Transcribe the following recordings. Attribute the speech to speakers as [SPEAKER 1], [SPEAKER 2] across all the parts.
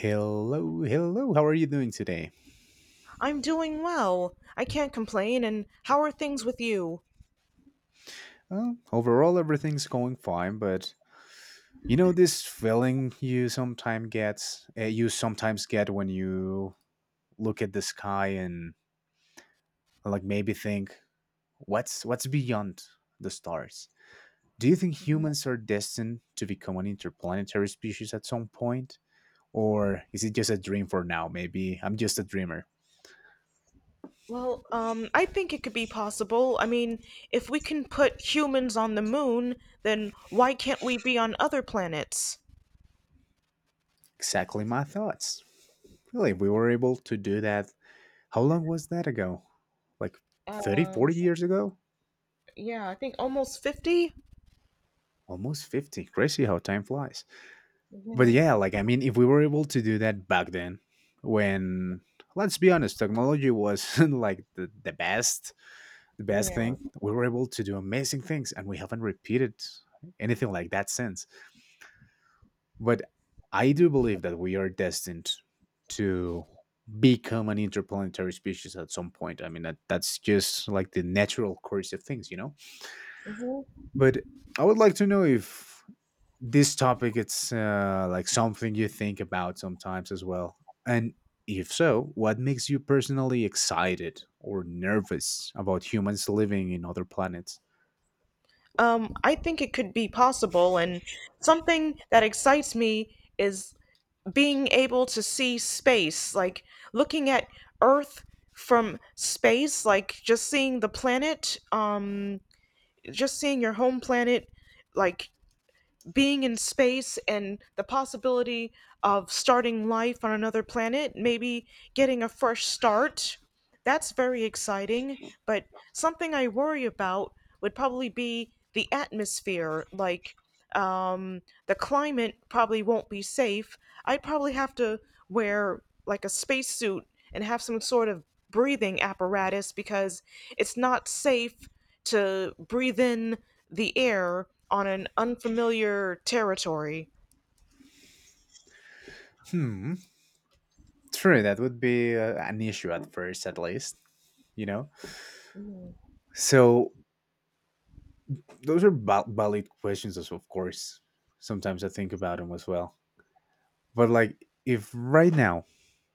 [SPEAKER 1] Hello, hello. How are you doing today?
[SPEAKER 2] I'm doing well. I can't complain. And how are things with you?
[SPEAKER 1] Well, overall, everything's going fine, but you know this feeling you sometimes get when you look at the sky and like maybe think, what's beyond the stars? Do you think
[SPEAKER 2] Mhm.
[SPEAKER 1] humans are destined to become an interplanetary species at some point, or is it just a dream for now? Maybe I'm just a dreamer.
[SPEAKER 2] Well, I think it could be possible. I mean, if we can put humans on the moon, then why can't we be on other planets?
[SPEAKER 1] Exactly my thoughts. Really, if we were able to do that. How long was that ago? Like 30,
[SPEAKER 2] Um,
[SPEAKER 1] 40
[SPEAKER 2] s-
[SPEAKER 1] years ago?
[SPEAKER 2] Yeah, I think almost 50.
[SPEAKER 1] Almost 50. Crazy how time flies. But yeah,
[SPEAKER 2] Mhm.
[SPEAKER 1] like, I mean, if we were able to do that back then, when, let's be honest, technology was like the best, the best
[SPEAKER 2] Yeah.
[SPEAKER 1] thing, we were able to do amazing things and we haven't repeated anything like that since. But I do believe that we are destined to become an interplanetary species at some point. I mean, that's just like the natural course of things, you know?
[SPEAKER 2] Hmm.
[SPEAKER 1] But I would like to know if this topic it's like something you think about sometimes as well. And if so, what makes you personally excited or nervous about humans living in other planets?
[SPEAKER 2] I think it could be possible. And something that excites me is being able to see space, like looking at Earth from space, like just seeing the planet, just seeing your home planet, like being in space, and the possibility of starting life on another planet, maybe getting a fresh start. That's very exciting, but something I worry about would probably be the atmosphere. Like, um, the climate probably won't be safe. I'd probably have to wear like a spacesuit and have some sort of breathing apparatus because it's not safe to breathe in the air on an unfamiliar territory.
[SPEAKER 1] Hmm, true, that would be an issue at first at least, you know. So those are valid questions as of course. Sometimes I think about them as well. But like if right now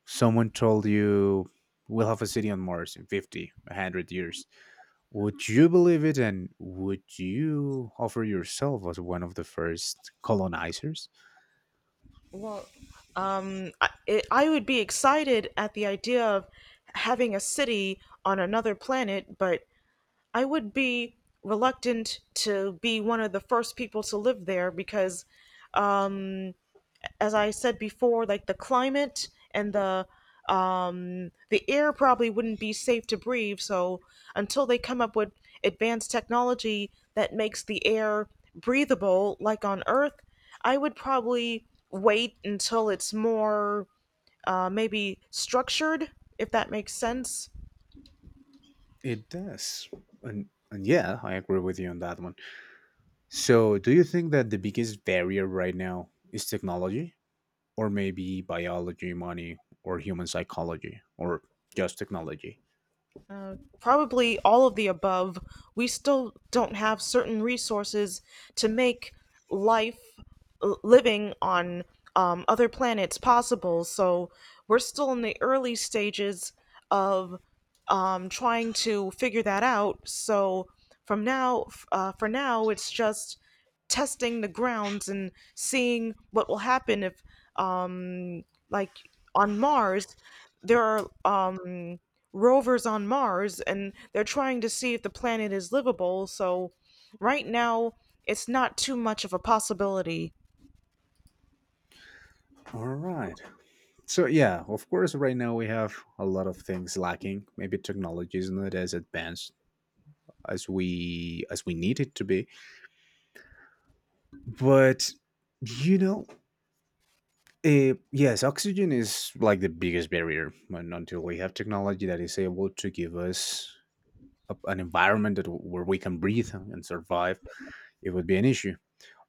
[SPEAKER 1] someone told you we'll have a city on Mars in 50, 100 years, would you believe it and would you offer yourself as one of the first colonizers?
[SPEAKER 2] Well, I would be excited at the idea of having a city on another planet, but I would be reluctant to be one of the first people to live there because, as I said before, like the climate and the air probably wouldn't be safe to breathe. So until they come up with advanced technology that makes the air breathable, like on Earth, I would probably wait until it's more maybe structured, if that makes sense.
[SPEAKER 1] It does. And yeah, I agree with you on that one. So, do you think that the biggest barrier right now is technology, or maybe biology, money, or human psychology, or just technology?
[SPEAKER 2] Probably all of the above. We still don't have certain resources to make life living on other planets possible. So we're still in the early stages of trying to figure that out. So from now, for now, it's just testing the grounds and seeing what will happen if, um, like on Mars, there are rovers on Mars and they're trying to see if the planet is livable. So right now, it's not too much of a possibility.
[SPEAKER 1] All right. So yeah, of course, right now we have a lot of things lacking. Maybe technology is not as advanced as we need it to be. But you know, yes, oxygen is like the biggest barrier. And until we have technology that is able to give us a, an environment that, where we can breathe and survive, it would be an issue.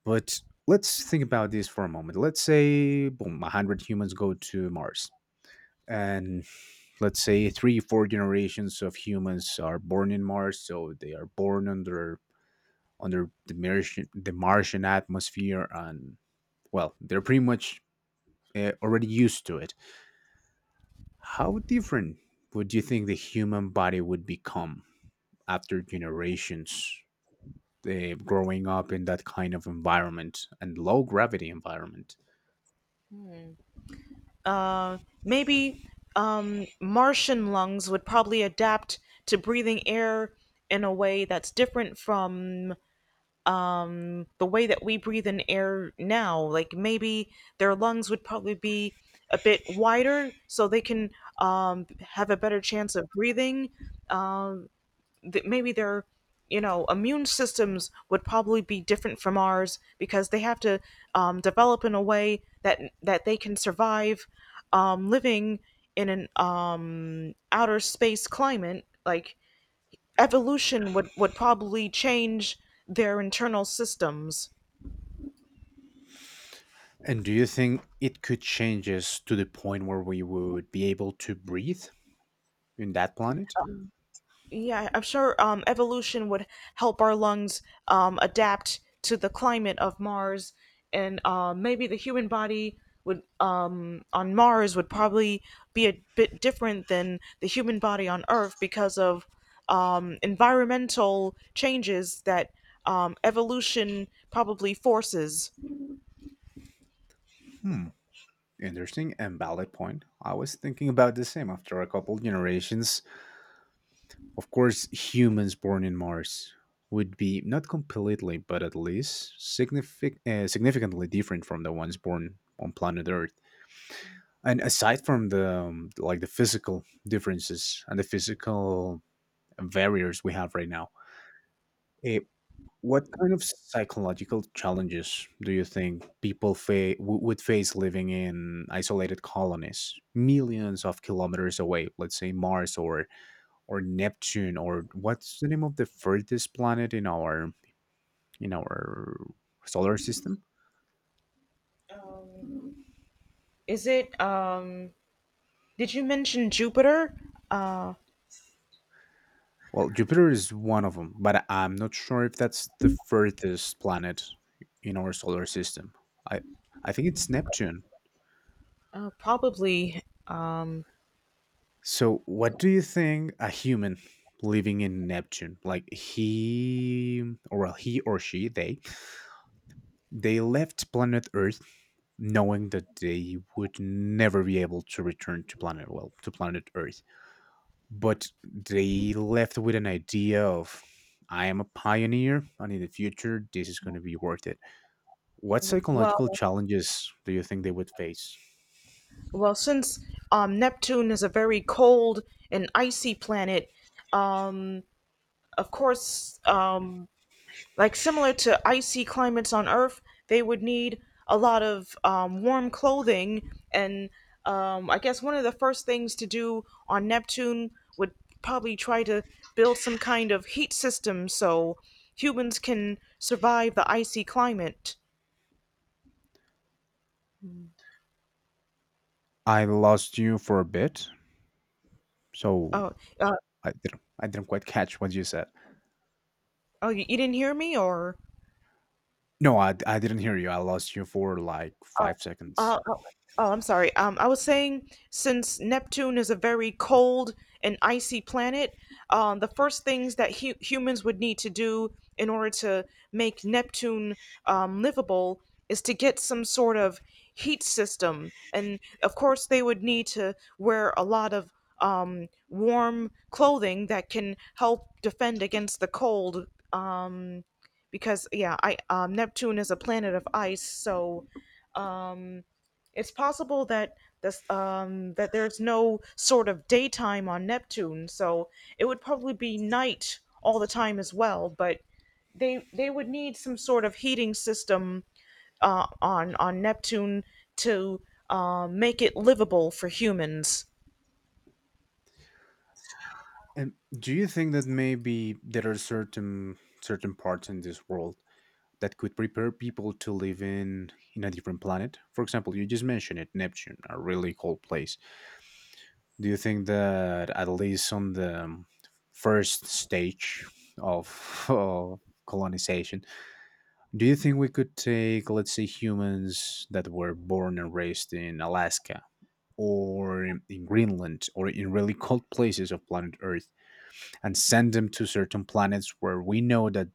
[SPEAKER 1] But let's think about this for a moment. Let's say boom, 100 humans go to Mars, and let's say 3 4 generations of humans are born in Mars, so they are born under the Martian the Martian atmosphere, and well they're pretty much already used to it. How different would you think the human body would become after generations growing up in that kind of environment and low gravity environment?
[SPEAKER 2] Uh, Maybe Martian lungs would probably adapt to breathing air in a way that's different from the way that we breathe in air now. Like maybe their lungs would probably be a bit wider so they can have a better chance of breathing. Um, that maybe their immune systems would probably be different from ours because they have to develop in a way that they can survive living in an outer space climate. Like, evolution would probably change their internal systems.
[SPEAKER 1] And do you think it could change us to the point where we would be able to breathe in that planet?
[SPEAKER 2] Yeah, I'm sure evolution would help our lungs adapt to the climate of Mars, and maybe the human body would on Mars would probably be a bit different than the human body on Earth because of environmental changes that evolution probably forces.
[SPEAKER 1] Hmm. Interesting and valid point. I was thinking about the same after a couple generations. Of course, humans born in Mars would be not completely, but at least significantly different from the ones born on planet Earth. And aside from the like the physical differences and the physical barriers we have right now, eh, what kind of psychological challenges do you think people would face living in isolated colonies, millions of kilometers away? Let's say Mars or Neptune or what's the name of the furthest planet in our solar system?
[SPEAKER 2] Is it? Did you mention Jupiter? Uh,
[SPEAKER 1] Well, Jupiter is one of them, but I'm not sure if that's the furthest planet in our solar system. I think it's Neptune.
[SPEAKER 2] Probably.
[SPEAKER 1] So, what do you think a human living in Neptune, like he or well, he or she, they left planet Earth knowing that they would never be able to return to planet well, to planet Earth. But they left with an idea of I am a pioneer and in the future this is going to be worth it. What
[SPEAKER 2] Well.
[SPEAKER 1] psychological challenges do you think they would face?
[SPEAKER 2] Well, since Neptune is a very cold and icy planet, um, of course, like similar to icy climates on Earth, they would need a lot of warm clothing. And I guess one of the first things to do on Neptune would probably try to build some kind of heat system so humans can survive the icy climate.
[SPEAKER 1] I lost you for a bit, so
[SPEAKER 2] Oh, uh,
[SPEAKER 1] I didn't quite catch what you said.
[SPEAKER 2] oh, you didn't hear me, or?
[SPEAKER 1] No, I didn't hear you. I lost you for like five seconds.
[SPEAKER 2] Oh, oh, I'm sorry. I was saying, since Neptune is a very cold and icy planet, the first things that humans would need to do in order to make Neptune livable is to get some sort of heat system. And of course, they would need to wear a lot of warm clothing that can help defend against the cold. Um, because, yeah, I Neptune is a planet of ice, so um. it's possible that this that there's no sort of daytime on Neptune, so it would probably be night all the time as well, but they would need some sort of heating system on Neptune to make it livable for humans.
[SPEAKER 1] And do you think that maybe there are certain certain parts in this world that could prepare people to live in a different planet? For example, you just mentioned it, Neptune, a really cold place. Do you think that at least on the first stage of, of colonization, do you think we could take, let's say, humans that were born and raised in Alaska or in Greenland or in really cold places of planet Earth and send them to certain planets where we know that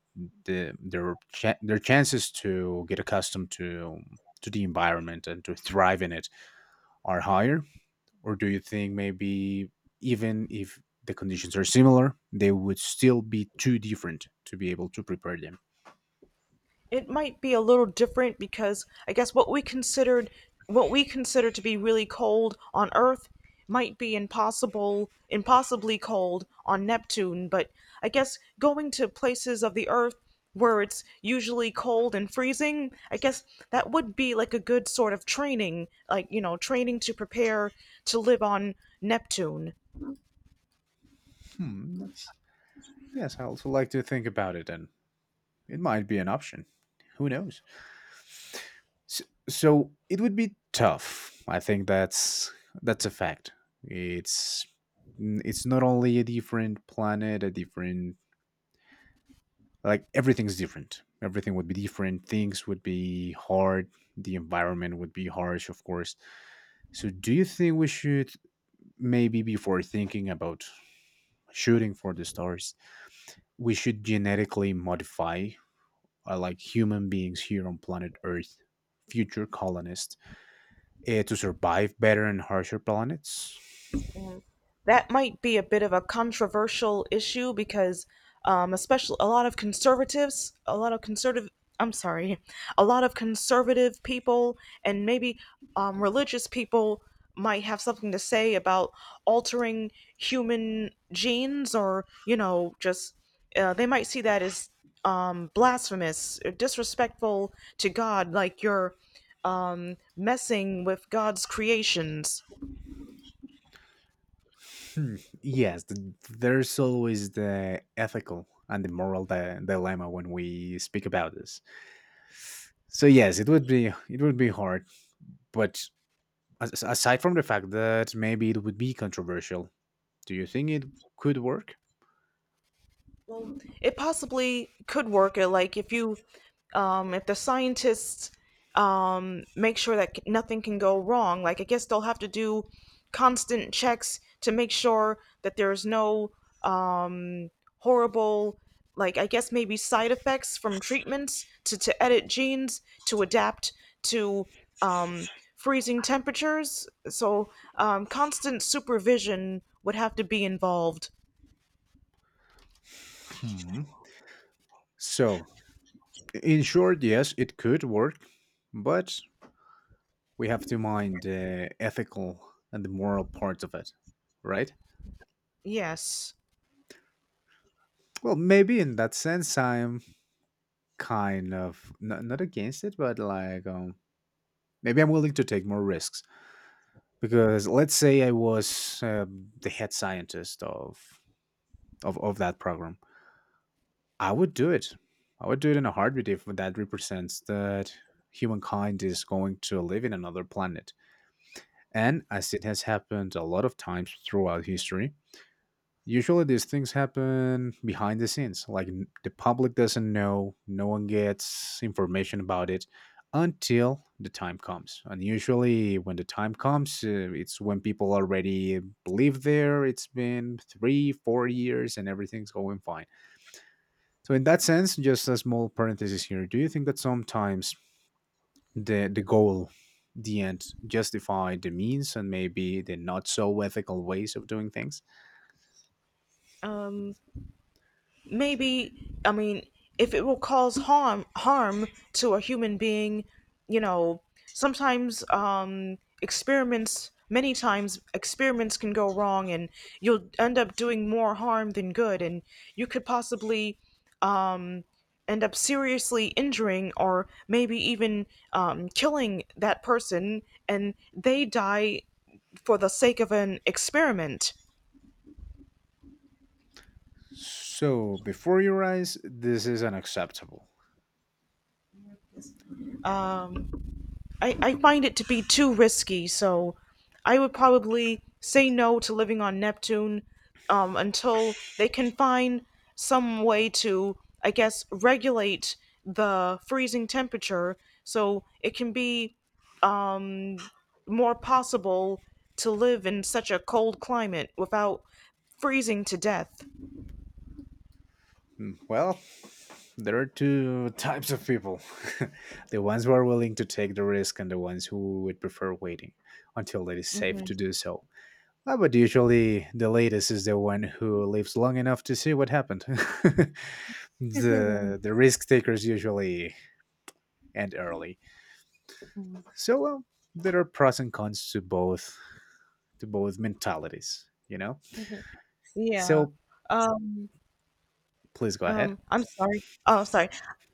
[SPEAKER 1] the, their their chances to get accustomed to the environment and to thrive in it are higher, or do you think maybe even if the conditions are similar they would still be too different to be able to prepare them?
[SPEAKER 2] It might be a little different because I guess what we consider to be really cold on Earth might be impossible impossibly cold on Neptune. But I guess going to places of the Earth where it's usually cold and freezing, I guess that would be like a good sort of training, like, training to prepare to live on Neptune.
[SPEAKER 1] Hmm, that's, yes, I also like to think about it, and it might be an option, who knows. S- So it would be tough. I think that's a fact. It's it's not only a different planet, a different like everything's different. Everything would be different. Things would be hard. The environment would be harsh, of course. So do you think we should maybe before thinking about shooting for the stars, we should genetically modify like human beings here on planet Earth, future colonists, eh, to survive better on harsher planets?
[SPEAKER 2] That might be a bit of a controversial issue because especially a lot of conservatives, a lot of conservative, I'm sorry, a lot of conservative people, and maybe religious people might have something to say about altering human genes, or just they might see that as blasphemous or disrespectful to God, like you're messing with God's creations.
[SPEAKER 1] Hmm, yes, there's always the ethical and the moral dilemma when we speak about this. So yes, it would be hard, but aside from the fact that maybe it would be controversial, do you think it could work?
[SPEAKER 2] Well, it possibly could work. Like, if the scientists make sure that nothing can go wrong. Like, I guess they'll have to do constant checks to make sure that there's no um, horrible, like, I guess, maybe side effects from treatments to edit genes to adapt to um, freezing temperatures. So constant supervision would have to be involved.
[SPEAKER 1] Hmm. So, in short, yes, it could work, but we have to mind the ethical and the moral parts of it, right?
[SPEAKER 2] Yes.
[SPEAKER 1] Well, maybe in that sense, I'm kind of not against it but like maybe I'm willing to take more risks because let's say I was the head scientist of, of that program. I would do it. I would do it in a heartbeat if that represents that humankind is going to live in another planet, and as it has happened a lot of times throughout history. Usually these things happen behind the scenes. Like the public doesn't know, no one gets information about it until the time comes. And usually when the time comes, it's when people already live there. It's been three, 4 years and everything's going fine. So in that sense, just a small parenthesis here. Do you think that sometimes the goal, the end, justify the means and maybe the not so ethical ways of doing things?
[SPEAKER 2] Um, Maybe. I mean, if it will cause harm to a human being, you know sometimes, experiments, many times experiments can go wrong, and you'll end up doing more harm than good, and you could possibly um end up seriously injuring or maybe even killing that person, and they die for the sake of an experiment.
[SPEAKER 1] So, before your eyes, this is unacceptable.
[SPEAKER 2] I find it to be too risky, so I would probably say no to living on Neptune until they can find some way to, I guess, regulate the freezing temperature so it can be um, more possible to live in such a cold climate without freezing to death.
[SPEAKER 1] Mm, well, there are two types of people, the ones who are willing to take the risk, and the ones who would prefer waiting until it is safe
[SPEAKER 2] Hmm.
[SPEAKER 1] to do so. Ah, but usually, the latest is the one who lives long enough to see what happened. The risk takers usually end early. So, well, there are pros and cons to both mentalities, you know?
[SPEAKER 2] Yeah.
[SPEAKER 1] So,
[SPEAKER 2] Um,
[SPEAKER 1] please go ahead.
[SPEAKER 2] I'm sorry. Oh, sorry.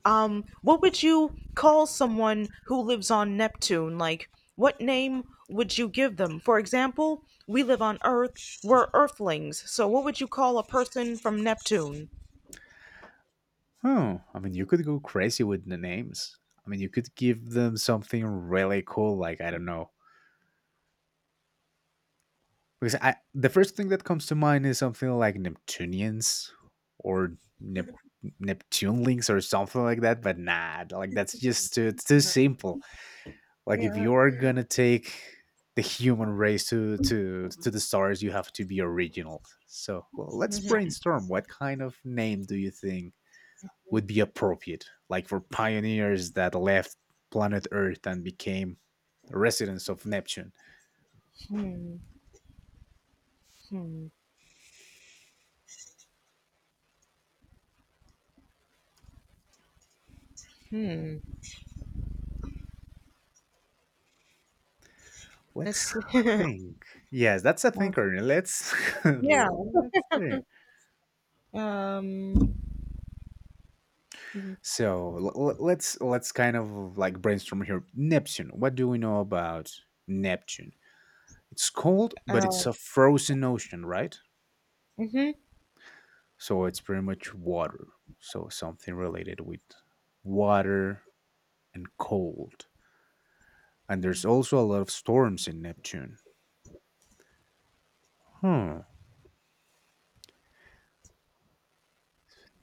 [SPEAKER 2] What would you call someone who lives on Neptune? Like, what name would you give them? For example, we live on Earth. We're Earthlings. So what would you call a person from Neptune?
[SPEAKER 1] Oh, I mean, you could go crazy with the names. I mean, you could give them something really cool, like I don't know, because I the first thing that comes to mind is something like Neptunians or Neptunelings or something like that. But nah, like that's just too it's too simple. Like if
[SPEAKER 2] Yeah.
[SPEAKER 1] you're gonna take the human race to to the stars, you have to be original. So well, let's brainstorm. What kind of name do you think would be appropriate, like for pioneers that left planet Earth and became residents of Neptune.
[SPEAKER 2] Hmm. Hmm. Hmm. That's.
[SPEAKER 1] Let's think. Yes, that's a thinker. Let's
[SPEAKER 2] Yeah.
[SPEAKER 1] let's think.
[SPEAKER 2] Um.
[SPEAKER 1] So let's kind of like brainstorm here. Neptune. What do we know about Neptune? It's cold, but
[SPEAKER 2] Uh.
[SPEAKER 1] it's a frozen ocean, right?
[SPEAKER 2] Hmm.
[SPEAKER 1] So it's pretty much water. So something related with water and cold. And there's also a lot of storms in Neptune. Hmm.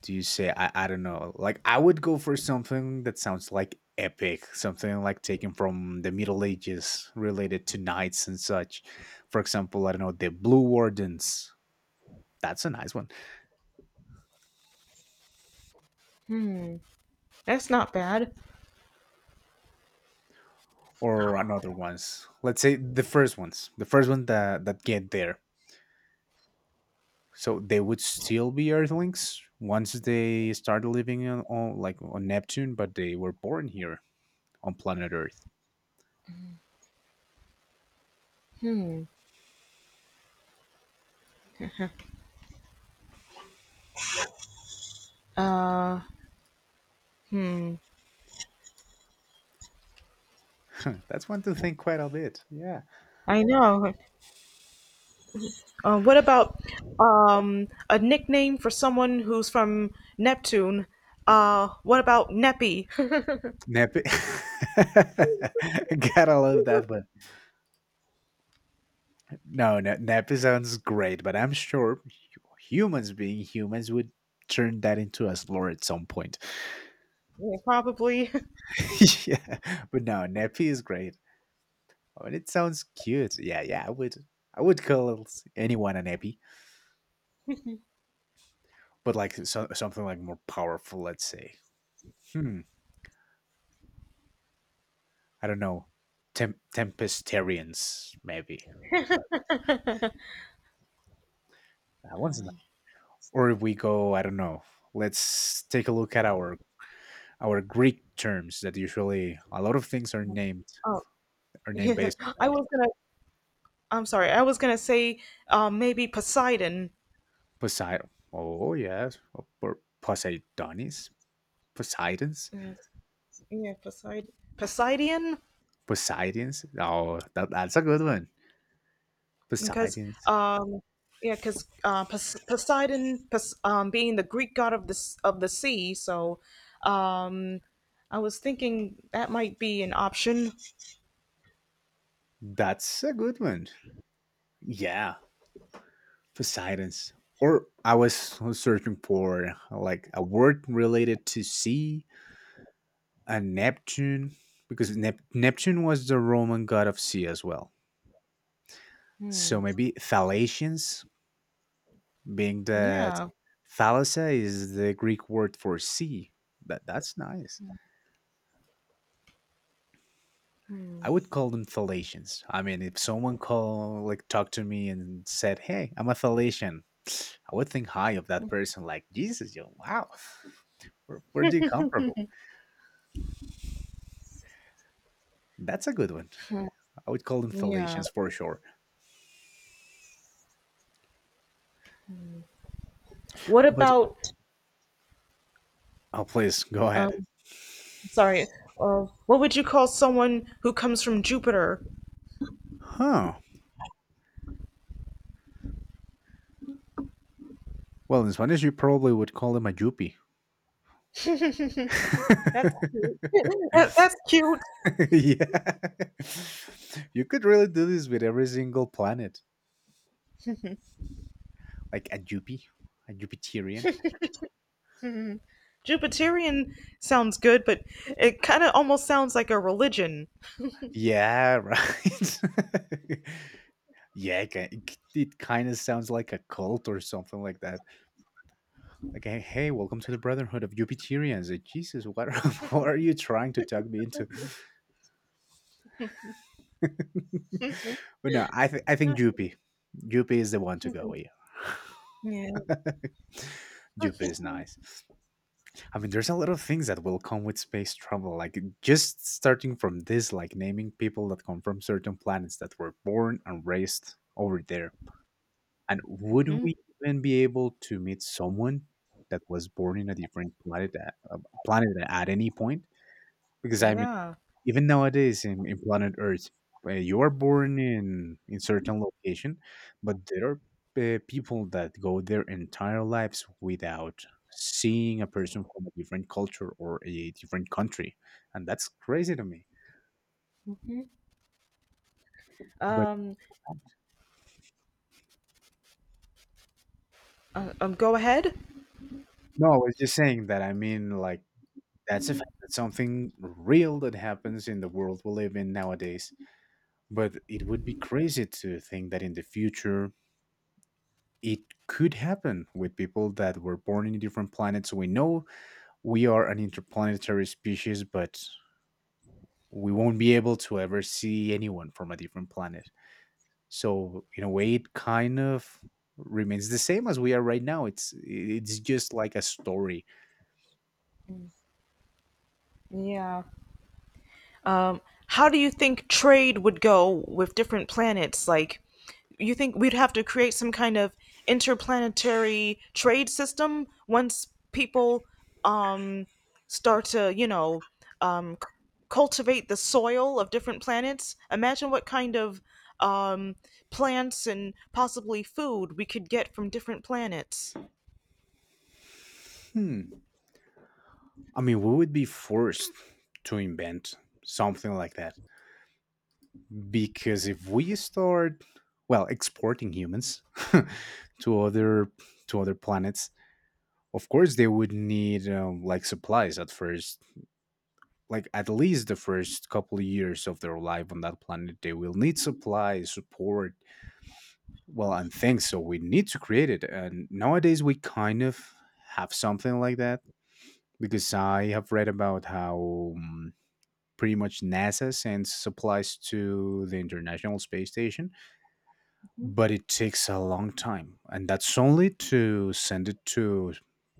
[SPEAKER 1] Do you say I don't know. Like I would go for something that sounds like epic, something like taken from the Middle Ages related to knights and such. For example, I don't know, the Blue Wardens. That's a nice one.
[SPEAKER 2] That's not bad.
[SPEAKER 1] Or another ones. Let's say the first ones. The first one that get there. So they would still be Earthlings once they started living on like on Neptune, but they were born here on planet Earth.
[SPEAKER 2] Uh.
[SPEAKER 1] That's one to think quite a bit. Yeah.
[SPEAKER 2] I know. What about a nickname for someone who's from Neptune? What about Neppy?
[SPEAKER 1] Nap. Gotta love that one. No, no, nappy sounds great, but I'm sure humans being humans would turn that into a slur at some point.
[SPEAKER 2] Yeah, probably.
[SPEAKER 1] yeah, but no, Nepi is great. I mean, it sounds cute. Yeah, yeah, I would call anyone a Nepi, but like so, something like more powerful. Let's say, hmm, I don't know, Tempestarians maybe. That one's not. Or if we go, I don't know. Let's take a look at our Greek terms that usually a lot of things are named
[SPEAKER 2] Oh, yeah.
[SPEAKER 1] based on
[SPEAKER 2] I
[SPEAKER 1] that.
[SPEAKER 2] was gonna. I'm sorry. I was gonna say, maybe Poseidon.
[SPEAKER 1] Poseidon. Oh yes, or Poseidonis, Poseidons,
[SPEAKER 2] Yeah, yeah, Poseidon. Poseidon,
[SPEAKER 1] Poseidons. Oh, that's a good one.
[SPEAKER 2] because
[SPEAKER 1] Poseidons.
[SPEAKER 2] um, yeah, because Poseidon, being the Greek god of the of the sea, so um, I was thinking that might be an option.
[SPEAKER 1] That's a good one. Yeah, Poseidons. Or I was searching for like a word related to sea and Neptune because Neptune was the Roman god of sea as well.
[SPEAKER 2] Hmm.
[SPEAKER 1] So maybe Thalassians being that
[SPEAKER 2] Yeah.
[SPEAKER 1] thalassa is the Greek word for sea. That's nice. I would call them Thalassians. I mean, if someone called, like, talked to me and said, "Hey, I'm a Thalassian," I would think high of that person. Like, Jesus, yo, wow, where do you come from? That's a good one. I would call them
[SPEAKER 2] Yeah.
[SPEAKER 1] Thalassians for sure.
[SPEAKER 2] What
[SPEAKER 1] But
[SPEAKER 2] about,
[SPEAKER 1] oh, please go
[SPEAKER 2] um,
[SPEAKER 1] ahead.
[SPEAKER 2] sorry, what would you call someone who comes from Jupiter?
[SPEAKER 1] Huh. Well, in Spanish, you probably would call them a yuppie.
[SPEAKER 2] That's cute. That's cute.
[SPEAKER 1] yeah. You could really do this with every single planet, like a Jupi, a Jupiterian.
[SPEAKER 2] Jupiterian sounds good, but it kind of almost sounds like a religion.
[SPEAKER 1] Yeah, right. yeah, it kind of sounds like a cult or something like that. Like, hey, hey, welcome to the Brotherhood of Jupiterians. Jesus, what are, what are you trying to talk me into? But no, I think Jupi. Jupi is the one to go with.
[SPEAKER 2] Yeah.
[SPEAKER 1] Jupi is nice. I mean, there's a lot of things that will come with space travel, like just starting from this, like naming people that come from certain planets that were born and raised over there. And would
[SPEAKER 2] Mhm.
[SPEAKER 1] we even be able to meet someone that was born in a different planet at any point? Because I mean,
[SPEAKER 2] Yeah.
[SPEAKER 1] even nowadays in, planet Earth, you are born in certain location, but there are people that go their entire lives without seeing a person from a different culture or a different country, and that's crazy to me. But
[SPEAKER 2] Um,
[SPEAKER 1] um,
[SPEAKER 2] go ahead.
[SPEAKER 1] no, I was just saying that. I mean, like that's a fact. That's something real that happens in the world we live in nowadays. But it would be crazy to think that in the future it could happen with people that were born in different planets. We know we are an interplanetary species, but we won't be able to ever see anyone from a different planet. So in a way, it kind of remains the same as we are right now. It's just like a story.
[SPEAKER 2] Yeah. Um, how do you think trade would go with different planets? Like, you think we'd have to create some kind of interplanetary trade system once people um, start to, um, c- cultivate the soil of different planets? Imagine what kind of um, plants and possibly food we could get from different planets.
[SPEAKER 1] Hmm. I mean, we would be forced to invent something like that because if we start, well, exporting humans to other to other planets. Of course, they would need like supplies at first, like at least the first couple of years of their life on that planet. They will need supplies, support, well, and things. So we need to create it. And nowadays, we kind of have something like that because I have read about how pretty much NASA sends supplies to the International Space Station, but it takes a long time, and that's only to send it to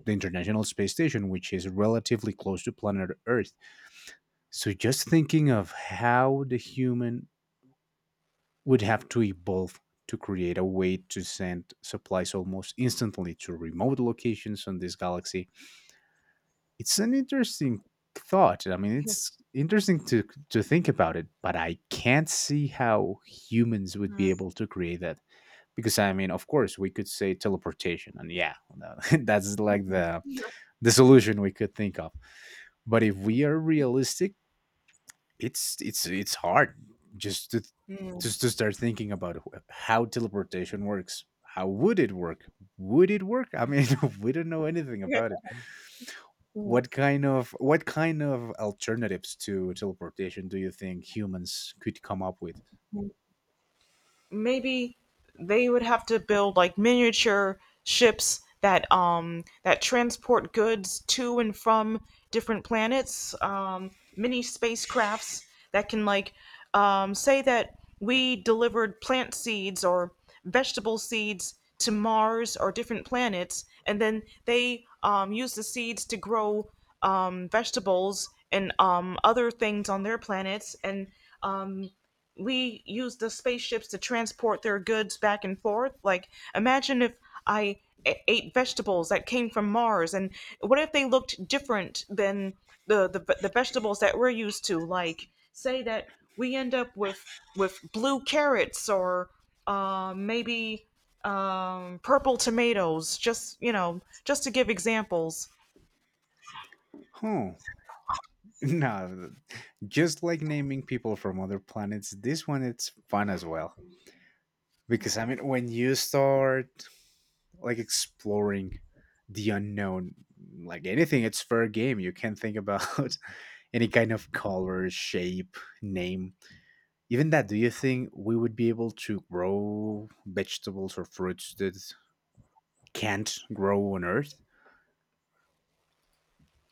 [SPEAKER 1] the International Space Station, which is relatively close to planet Earth. So just thinking of how the human would have to evolve to create a way to send supplies almost instantly to remote locations on this galaxy, it's an interesting thought. I mean, it's interesting to think about it, but I can't see how humans would be
[SPEAKER 2] Mm.
[SPEAKER 1] able to create that. Because I mean, of course we could say teleportation, and yeah, that's like the solution we could think of. But if we are realistic, it's hard, just to
[SPEAKER 2] Mm.
[SPEAKER 1] start thinking about how teleportation works, how would it work, would it work, I mean, we don't know anything about it. What kind of alternatives to teleportation do you think humans could come up with?
[SPEAKER 2] Maybe they would have to build like miniature ships that transport goods to and from different planets, mini spacecrafts that can, like, say that we delivered plant seeds or vegetable seeds to Mars or different planets, and then they use the seeds to grow vegetables and other things on their planets, and um we use the spaceships to transport their goods back and forth. Like, imagine if I ate vegetables that came from Mars, and what if they looked different than the vegetables that we're used to? Like, say that we end up with blue carrots or maybe purple tomatoes. Just, just to give examples.
[SPEAKER 1] Hmm. No, just like naming people from other planets, this one it's fun as well. Because I mean, when you start like exploring the unknown, like anything, it's fair game. You can think about any kind of color, shape, name. Even that, do you think we would be able to grow vegetables or fruits that can't grow on Earth?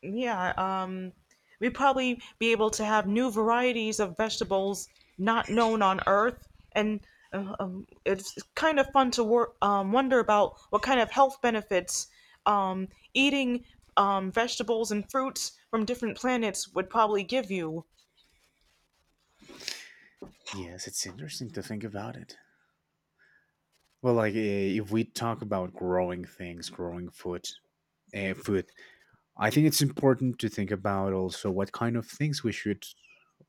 [SPEAKER 2] Yeah, we'd probably be able to have new varieties of vegetables not known on Earth, and it's kind of fun to wonder about what kind of health benefits eating vegetables and fruits from different planets would probably give you.
[SPEAKER 1] Yes, it's interesting to think about it. Well, like if we talk about growing things, growing food, I think it's important to think about also what kind of things we should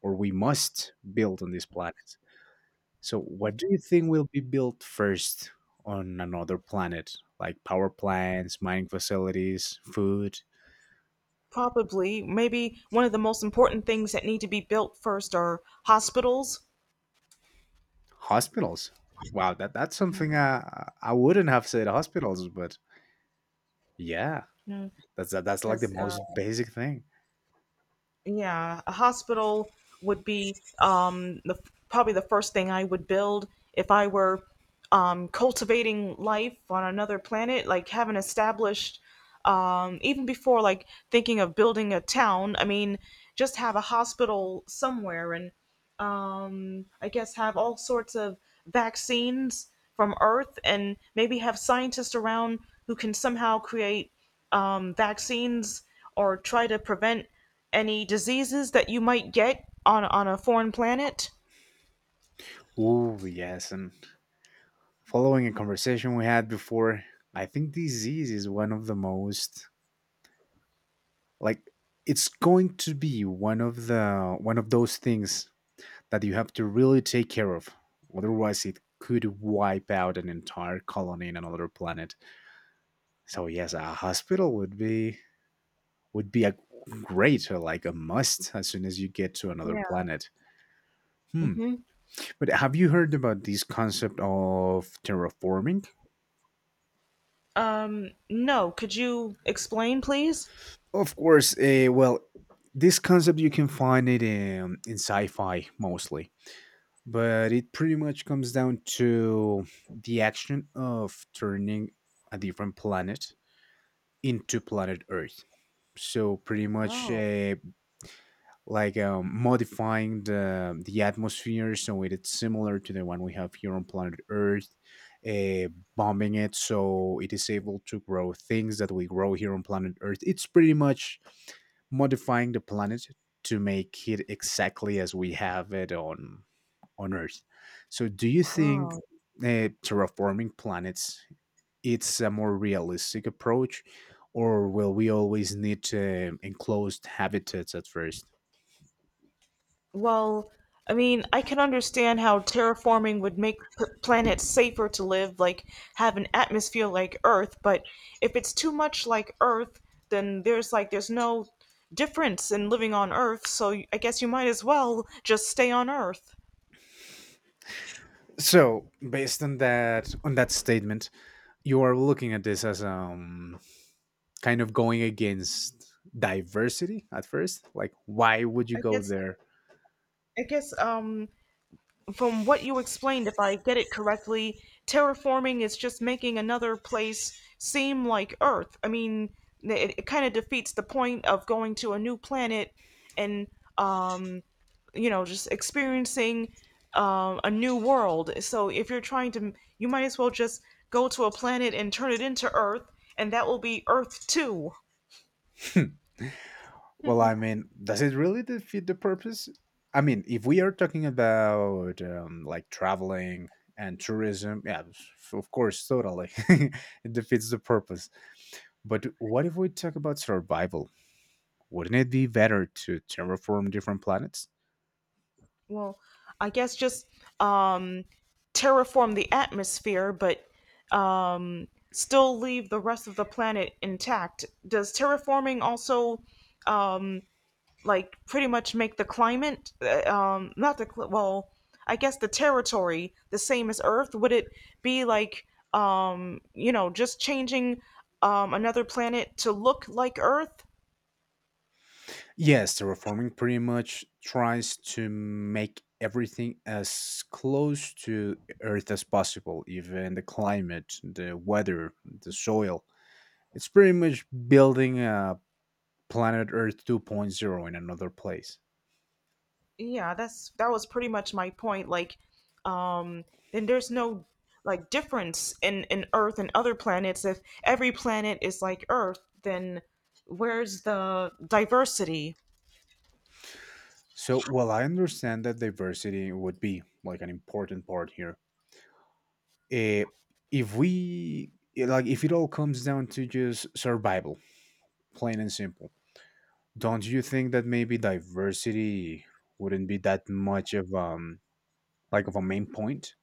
[SPEAKER 1] or we must build on this planet. So, what do you think will be built first on another planet? Like power plants, mining facilities, food,
[SPEAKER 2] Probably, maybe one of the most important things that need to be built first are hospitals,
[SPEAKER 1] hospitals. Wow, that's something I wouldn't have said hospitals, but yeah, that's like the
[SPEAKER 2] because.
[SPEAKER 1] most basic thing.
[SPEAKER 2] Yeah, a hospital would be the, probably the first thing I would build if I were cultivating life on another planet, like, having established, even before like thinking of building a town. I mean, just have a hospital somewhere and I guess, have all sorts of vaccines from Earth, and maybe have scientists around who can somehow create vaccines or try to prevent any diseases that you might get on, a foreign planet?
[SPEAKER 1] Oh, yes. And following a conversation we had before, I think disease is one of the most, like, it's going to be one of the one of those things that you have to really take care of. Otherwise it could wipe out an entire colony in another planet. So yes, a hospital would be, a great, or like a must, as soon as you get to another
[SPEAKER 2] Yeah.
[SPEAKER 1] planet. hmm
[SPEAKER 2] Hmm.
[SPEAKER 1] but have you heard about this concept of terraforming?
[SPEAKER 2] No, could you explain, please?
[SPEAKER 1] Of course. Well, this concept you can find it in, sci-fi mostly, but it pretty much comes down to the action of turning a different planet into planet Earth. So pretty much,
[SPEAKER 2] Oh,
[SPEAKER 1] like modifying the atmosphere so it is similar to the one we have here on planet Earth, uh, bombing it so it is able to grow things that we grow here on planet Earth. It's pretty much modifying the planet to make it exactly as we have it on Earth. So, do you think
[SPEAKER 2] oh.
[SPEAKER 1] terraforming planets it's a more realistic approach, or will we always need enclosed habitats at first?
[SPEAKER 2] Well, I mean, I can understand how terraforming would make planets safer to live, like have an atmosphere like Earth, but if it's too much like Earth, then there's no difference in living on Earth, so I guess you might as well just stay on Earth.
[SPEAKER 1] So, based on that statement, you are looking at this as kind of going against diversity at first. Like, why would you
[SPEAKER 2] I
[SPEAKER 1] go
[SPEAKER 2] guess
[SPEAKER 1] there?
[SPEAKER 2] I guess from what you explained, if I get it correctly, terraforming is just making another place seem like Earth. I mean, it kind of defeats the point of going to a new planet and, um, just experiencing a new world. So if you're trying to, you might as well just go to a planet and turn it into Earth, and that will be Earth 2.
[SPEAKER 1] Well, I mean, does it really defeat the purpose? I mean, if we are talking about like traveling and tourism, yeah, of course, totally, it defeats the purpose. But what if we talk about survival? Wouldn't it be better to terraform different planets?
[SPEAKER 2] Well, I guess just um, terraform the atmosphere, but um, still leave the rest of the planet intact. Does terraforming also um, like pretty much make the climate, not the cl- well, I guess the territory the same as Earth? Would it be like just changing another planet to look like Earth?
[SPEAKER 1] Yes, terraforming pretty much tries to make everything as close to Earth as possible, even the climate, the weather, the soil. It's pretty much building a Planet Earth 2.0 in another place.
[SPEAKER 2] Yeah, that was pretty much my point, like, um then there's no like difference in Earth and other planets. If every planet is like Earth, then where's the diversity?
[SPEAKER 1] So, while I understand that diversity would be like an important part here, eh, if we like, if it all comes down to just survival, plain and simple, don't you think that maybe diversity wouldn't be that much of like of a main point?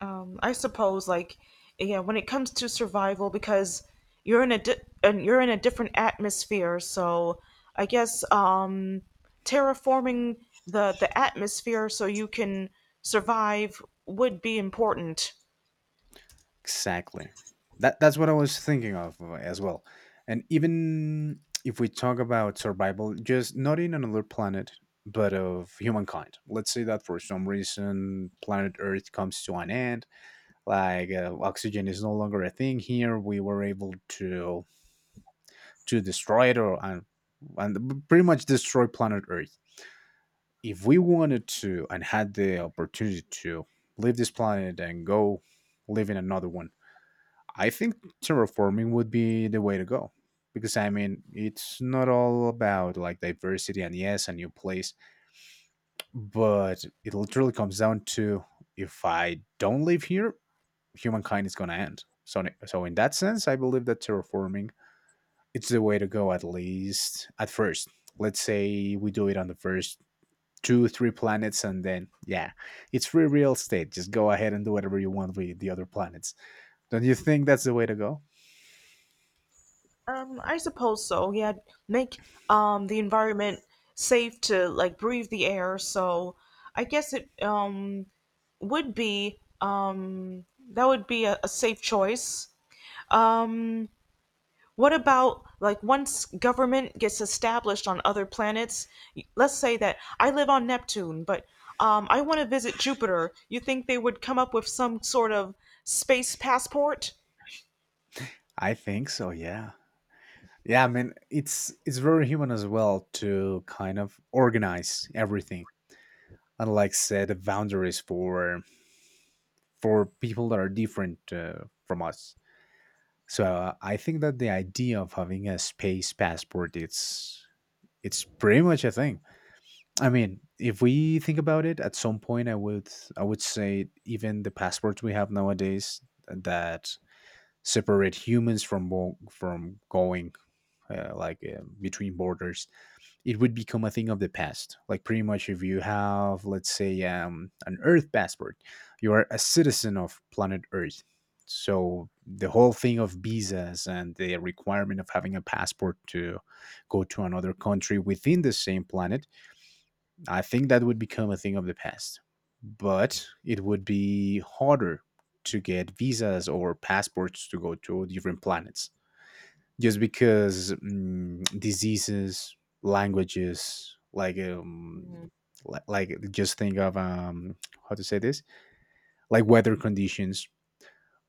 [SPEAKER 2] I suppose, like, yeah, when it comes to survival, because you're in a different atmosphere. So I guess terraforming the atmosphere so you can survive would be important.
[SPEAKER 1] Exactly. That's what I was thinking of, as well. And even if we talk about survival, just not in another planet, but of humankind. Let's say that for some reason planet Earth comes to an end, like oxygen is no longer a thing here. We were able to destroy it, or and pretty much destroy planet Earth. If we wanted to and had the opportunity to leave this planet and go live in another one, I think terraforming would be the way to go. Because I mean, it's not all about like diversity and yes, a new place, but it literally comes down to, if I don't live here, humankind is gonna end. So in that sense, I believe that terraforming it's the way to go, at least at first. Let's say we do it on the first two three planets, and then yeah, it's free real estate, just go ahead and do whatever you want with the other planets. Don't you think that's the way to go?
[SPEAKER 2] I suppose so. Yeah, make the environment safe to like breathe the air. So I guess it would be that would be a safe choice. Um, what about like once government gets established on other planets? Let's say that I live on Neptune, but I want to visit Jupiter. You think they would come up with some sort of space passport?
[SPEAKER 1] I think so, yeah. Yeah, I mean it's very human as well to kind of organize everything and like set the boundaries for people that are different, from us. So I think that the idea of having a space passport, it's pretty much a thing. I mean, if we think about it, at some point I would say even the passports we have nowadays that separate humans from from going, like, between borders, it would become a thing of the past. Like pretty much, if you have, let's say, an Earth passport, you are a citizen of planet Earth. So the whole thing of visas and the requirement of having a passport to go to another country within the same planet, I think that would become a thing of the past. But it would be harder to get visas or passports to go to different planets, just because diseases, languages, like
[SPEAKER 2] Mhm.
[SPEAKER 1] like just think of, how to say this, like weather conditions.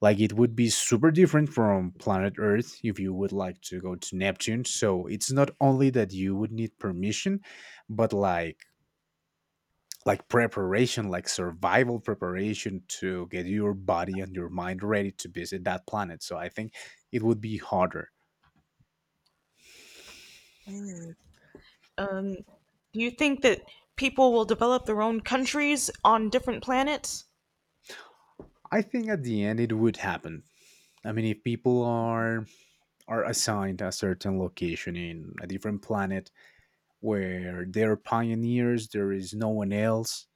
[SPEAKER 1] Like it would be super different from planet Earth if you would like to go to Neptune. So it's not only that you would need permission, but like preparation, like survival preparation to get your body and your mind ready to visit that planet. So I think it would be harder.
[SPEAKER 2] Um, do you think that people will develop their own countries on different planets?
[SPEAKER 1] I think at the end it would happen. I mean, if people are assigned a certain location in a different planet where they're pioneers, there is no one else,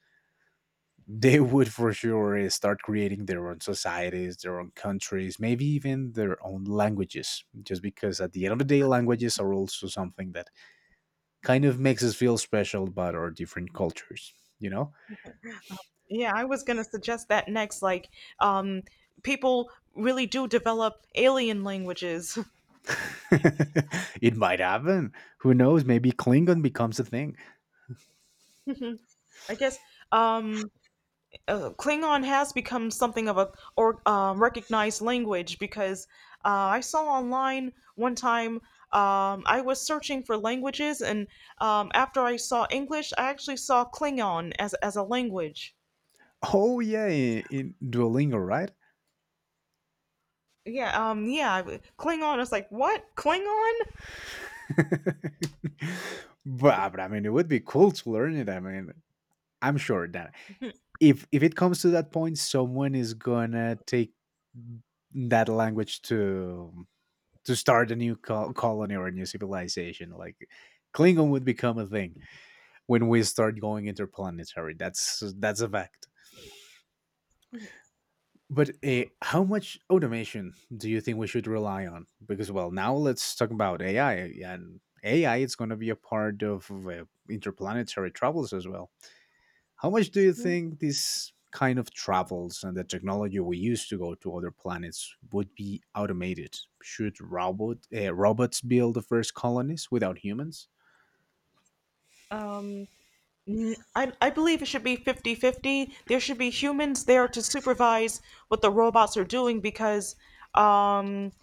[SPEAKER 1] they would for sure start creating their own societies, their own countries, maybe even their own languages. Just because at the end of the day, languages are also something that kind of makes us feel special about our different cultures. You know,
[SPEAKER 2] Yeah, I was gonna suggest that next. Like, um, people really do develop alien languages.
[SPEAKER 1] it might happen. Who knows? Maybe Klingon becomes a thing.
[SPEAKER 2] I guess um, Klingon has become something of a or recognized language because uh, I saw online one time. I was searching for languages, and after I saw English, I actually saw Klingon as a language.
[SPEAKER 1] Oh yeah, in Duolingo, right?
[SPEAKER 2] Yeah, yeah, Klingon. I was like, what? Klingon?
[SPEAKER 1] but, but I mean, it would be cool to learn it. I mean, I'm sure that if it comes to that point, someone is gonna take that language to start a colony or a new civilization. Like Klingon would become a thing when we start going interplanetary. That's a fact. But how much automation do you think we should rely on? Because well, now let's talk about AI and AI. It's going to be a part of interplanetary travels as well. How much do you
[SPEAKER 2] Mhm.
[SPEAKER 1] think this kind of travels and the technology we use to go to other planets would be automated? Should robots build the first colonies without humans?
[SPEAKER 2] Um, I believe it should be 50 50. There should be humans there to supervise what the robots are doing because, um,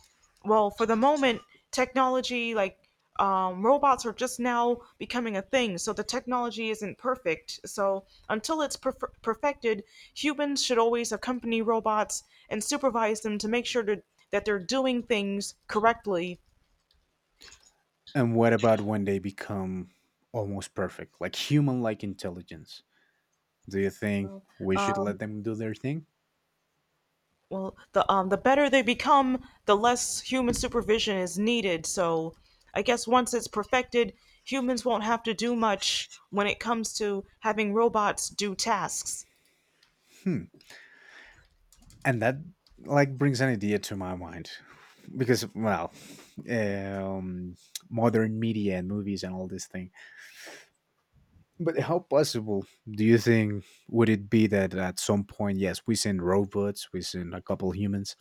[SPEAKER 2] well, for the moment, technology, robots are just now becoming a thing, so the technology isn't perfect. So, until it's perfected, humans should always accompany robots and supervise them to make that they're doing things correctly.
[SPEAKER 1] And what about when they become almost perfect, like human-like intelligence? Do you think we should let them do their thing?
[SPEAKER 2] Well, the better they become, the less human supervision is needed, so I guess once it's perfected, humans won't have to do much when it comes to having robots do tasks.
[SPEAKER 1] Hmm. And that like brings an idea to my mind because well um modern media and movies and all this thing. But how possible do you think would it be that at some point, yes, we send robots, we send a couple humans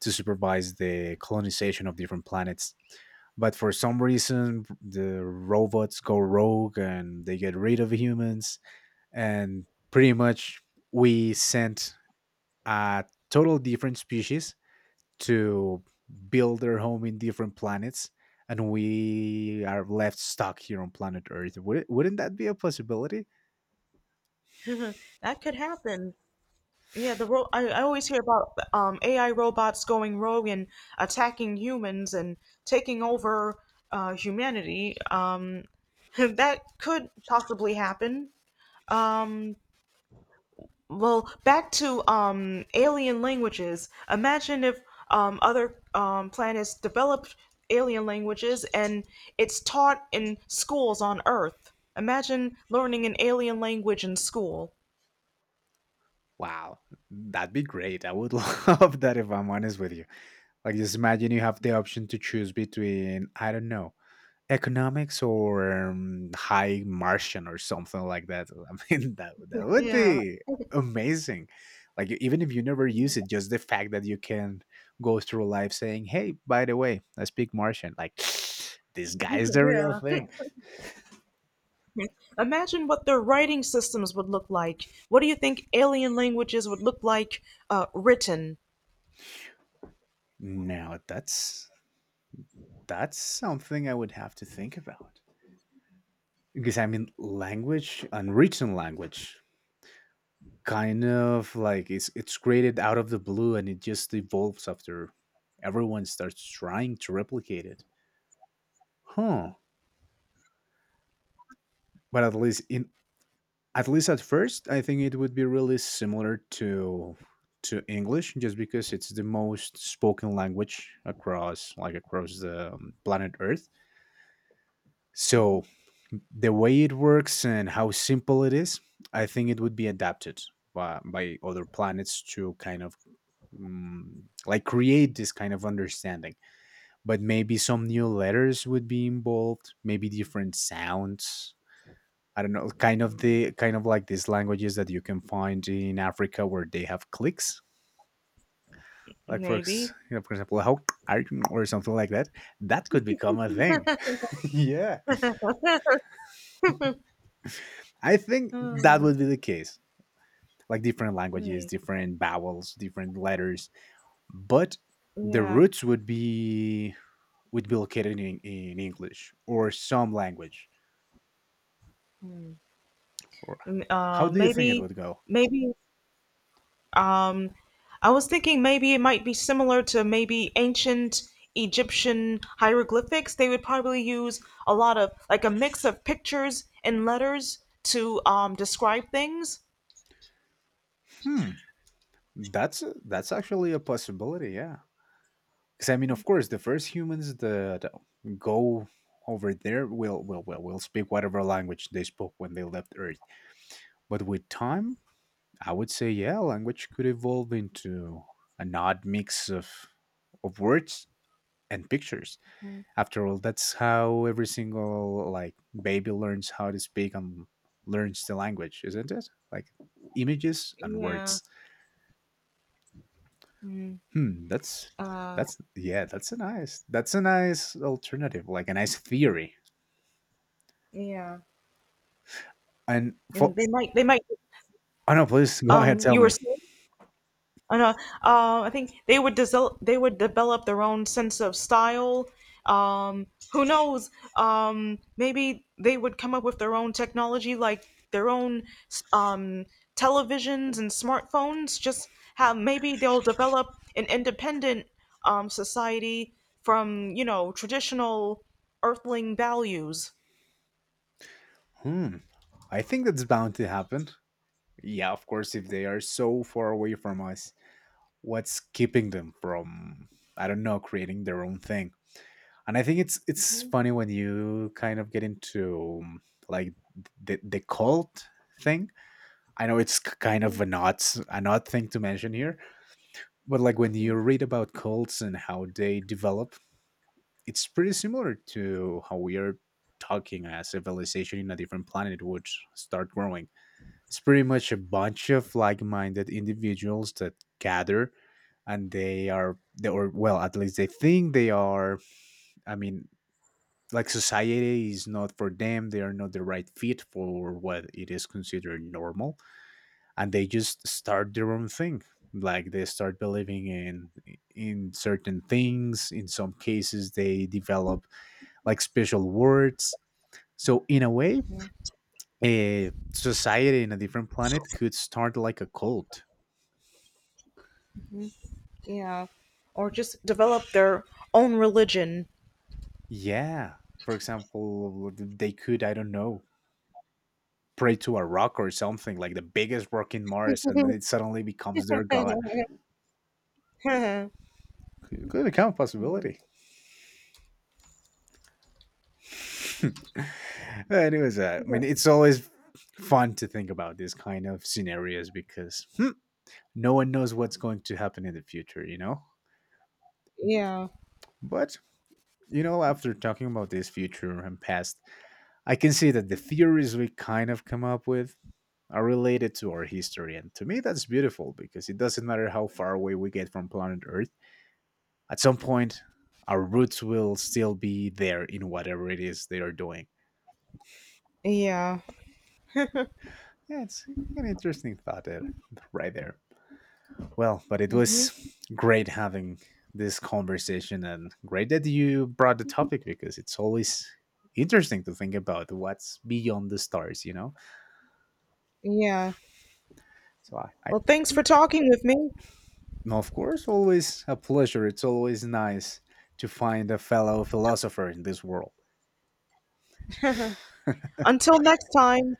[SPEAKER 1] to supervise the colonization of different planets, but for some reason the robots go rogue and they get rid of humans, and pretty much we sent a total different species to build their home in different planets, and we are left stuck here on planet Earth? Wouldn't that be a possibility?
[SPEAKER 2] That could happen. Yeah, I always hear about AI robots going rogue and attacking humans and taking over humanity. That could possibly happen. um, Well, back to alien languages. Imagine if other planets developed alien languages and it's taught in schools on Earth. Imagine learning an alien language in school.
[SPEAKER 1] Wow, that'd be great. I would love that, if I'm honest with you. Like, just imagine you have the option to choose between, I don't know, Economics or High Martian or something like that. I mean, that would
[SPEAKER 2] Yeah,
[SPEAKER 1] be amazing. Like even if you never use it, just the fact that you can go through life saying, "Hey, by the way, I speak Martian." Like this guy's the real
[SPEAKER 2] yeah.
[SPEAKER 1] thing.
[SPEAKER 2] Imagine what their writing systems would look like. What do you think alien languages would look like, written?
[SPEAKER 1] Now that's something I would have to think about because I mean, language, unwritten language, kind of like it's created out of the blue and it just evolves after everyone starts trying to replicate it. Huh. But at least at first I think it would be really similar to English, just because it's the most spoken language across, like, across the planet Earth. So the way it works and how simple it is, I think it would be adapted by other planets to kind of like create this kind of understanding. But maybe some new letters would be involved, maybe different sounds. I don't know, kind of like these languages that you can find in Africa where they have clicks. Like
[SPEAKER 2] Maybe.
[SPEAKER 1] you know, for example, how, or something like that, that could become a thing. Yeah, I think that
[SPEAKER 2] Hmm.
[SPEAKER 1] would be the case. Like different languages,
[SPEAKER 2] Hmm.
[SPEAKER 1] different vowels, different letters. But the
[SPEAKER 2] Yeah.
[SPEAKER 1] roots would be located in English or some language?
[SPEAKER 2] Hmm.
[SPEAKER 1] Or how do you think it
[SPEAKER 2] Maybe.
[SPEAKER 1] would go?
[SPEAKER 2] Maybe. Um, I was thinking maybe it might be similar to maybe ancient Egyptian hieroglyphics. They would probably use a lot of like a mix of pictures and letters to describe things.
[SPEAKER 1] Hmm, that's that's actually a possibility. Yeah, because I mean, of course, the first humans that go over there will speak whatever language they spoke when they left Earth. But with time, I would say, yeah, language could evolve into an odd mix of words and pictures.
[SPEAKER 2] Mhm.
[SPEAKER 1] After all, that's how every single, like, baby learns how to speak and learns the language, isn't it? Like images and
[SPEAKER 2] Yeah.
[SPEAKER 1] words.
[SPEAKER 2] Mm.
[SPEAKER 1] Hmm, that's
[SPEAKER 2] Uh,
[SPEAKER 1] yeah, that's a nice, that's a nice alternative, like a nice theory.
[SPEAKER 2] yeah.
[SPEAKER 1] And
[SPEAKER 2] And
[SPEAKER 1] for—
[SPEAKER 2] they might
[SPEAKER 1] Oh no, please go ahead, tell
[SPEAKER 2] you were
[SPEAKER 1] me.
[SPEAKER 2] saying. I know. I think they would develop their own sense of style. Um, who knows? Maybe they would come up with their own technology, like their own um, televisions and smartphones. Just how maybe they'll develop an independent society from you know traditional Earthling values.
[SPEAKER 1] Hmm, I think that's bound to happen. Yeah, of course, if they are so far away from us, what's keeping them from, I don't know, creating their own thing? And I think it's funny when you kind of get into like the cult thing. I know it's kind of an odd, an odd thing to mention here, but like when you read about cults and how they develop, it's pretty similar to how we are talking, as civilization in a different planet would start growing. It's pretty much a bunch of like-minded individuals that gather, and they are, they, or, well, at least they think they are. I mean, like, society is not for them, they are not the right fit for what it is considered normal, and they just start their own thing. Like they start believing in certain things. In some cases they develop, like, special words. So in a way, a society in a different planet could start like a cult.
[SPEAKER 2] Yeah, or just develop their own religion.
[SPEAKER 1] Yeah, for example, they could, I don't know, pray to a rock or something, like the biggest rock in Mars, and it suddenly becomes their god. Become a possibility. Anyways, I mean, it's always fun to think about these kind of scenarios because, hmm, no one knows what's going to happen in the future, you know?
[SPEAKER 2] Yeah,
[SPEAKER 1] But, you know, after talking about this future and past, I can see that the theories we kind of come up with are related to our history. And to me, that's beautiful because it doesn't matter how far away we get from planet Earth, at some point our roots will still be there in whatever it is they are doing.
[SPEAKER 2] yeah.
[SPEAKER 1] Yeah, it's an interesting thought there, right there. Well, but it was
[SPEAKER 2] Hmm.
[SPEAKER 1] great having this conversation and great that you brought the topic because it's always interesting to think about what's beyond the stars, you know?
[SPEAKER 2] Yeah.
[SPEAKER 1] So, I—
[SPEAKER 2] Well, thanks for talking with me.
[SPEAKER 1] No, of course, always a pleasure. It's always nice to find a fellow philosopher in this world.
[SPEAKER 2] Until next time,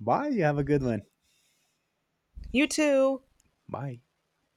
[SPEAKER 1] Bye. You have a good one.
[SPEAKER 2] you too.
[SPEAKER 1] Bye.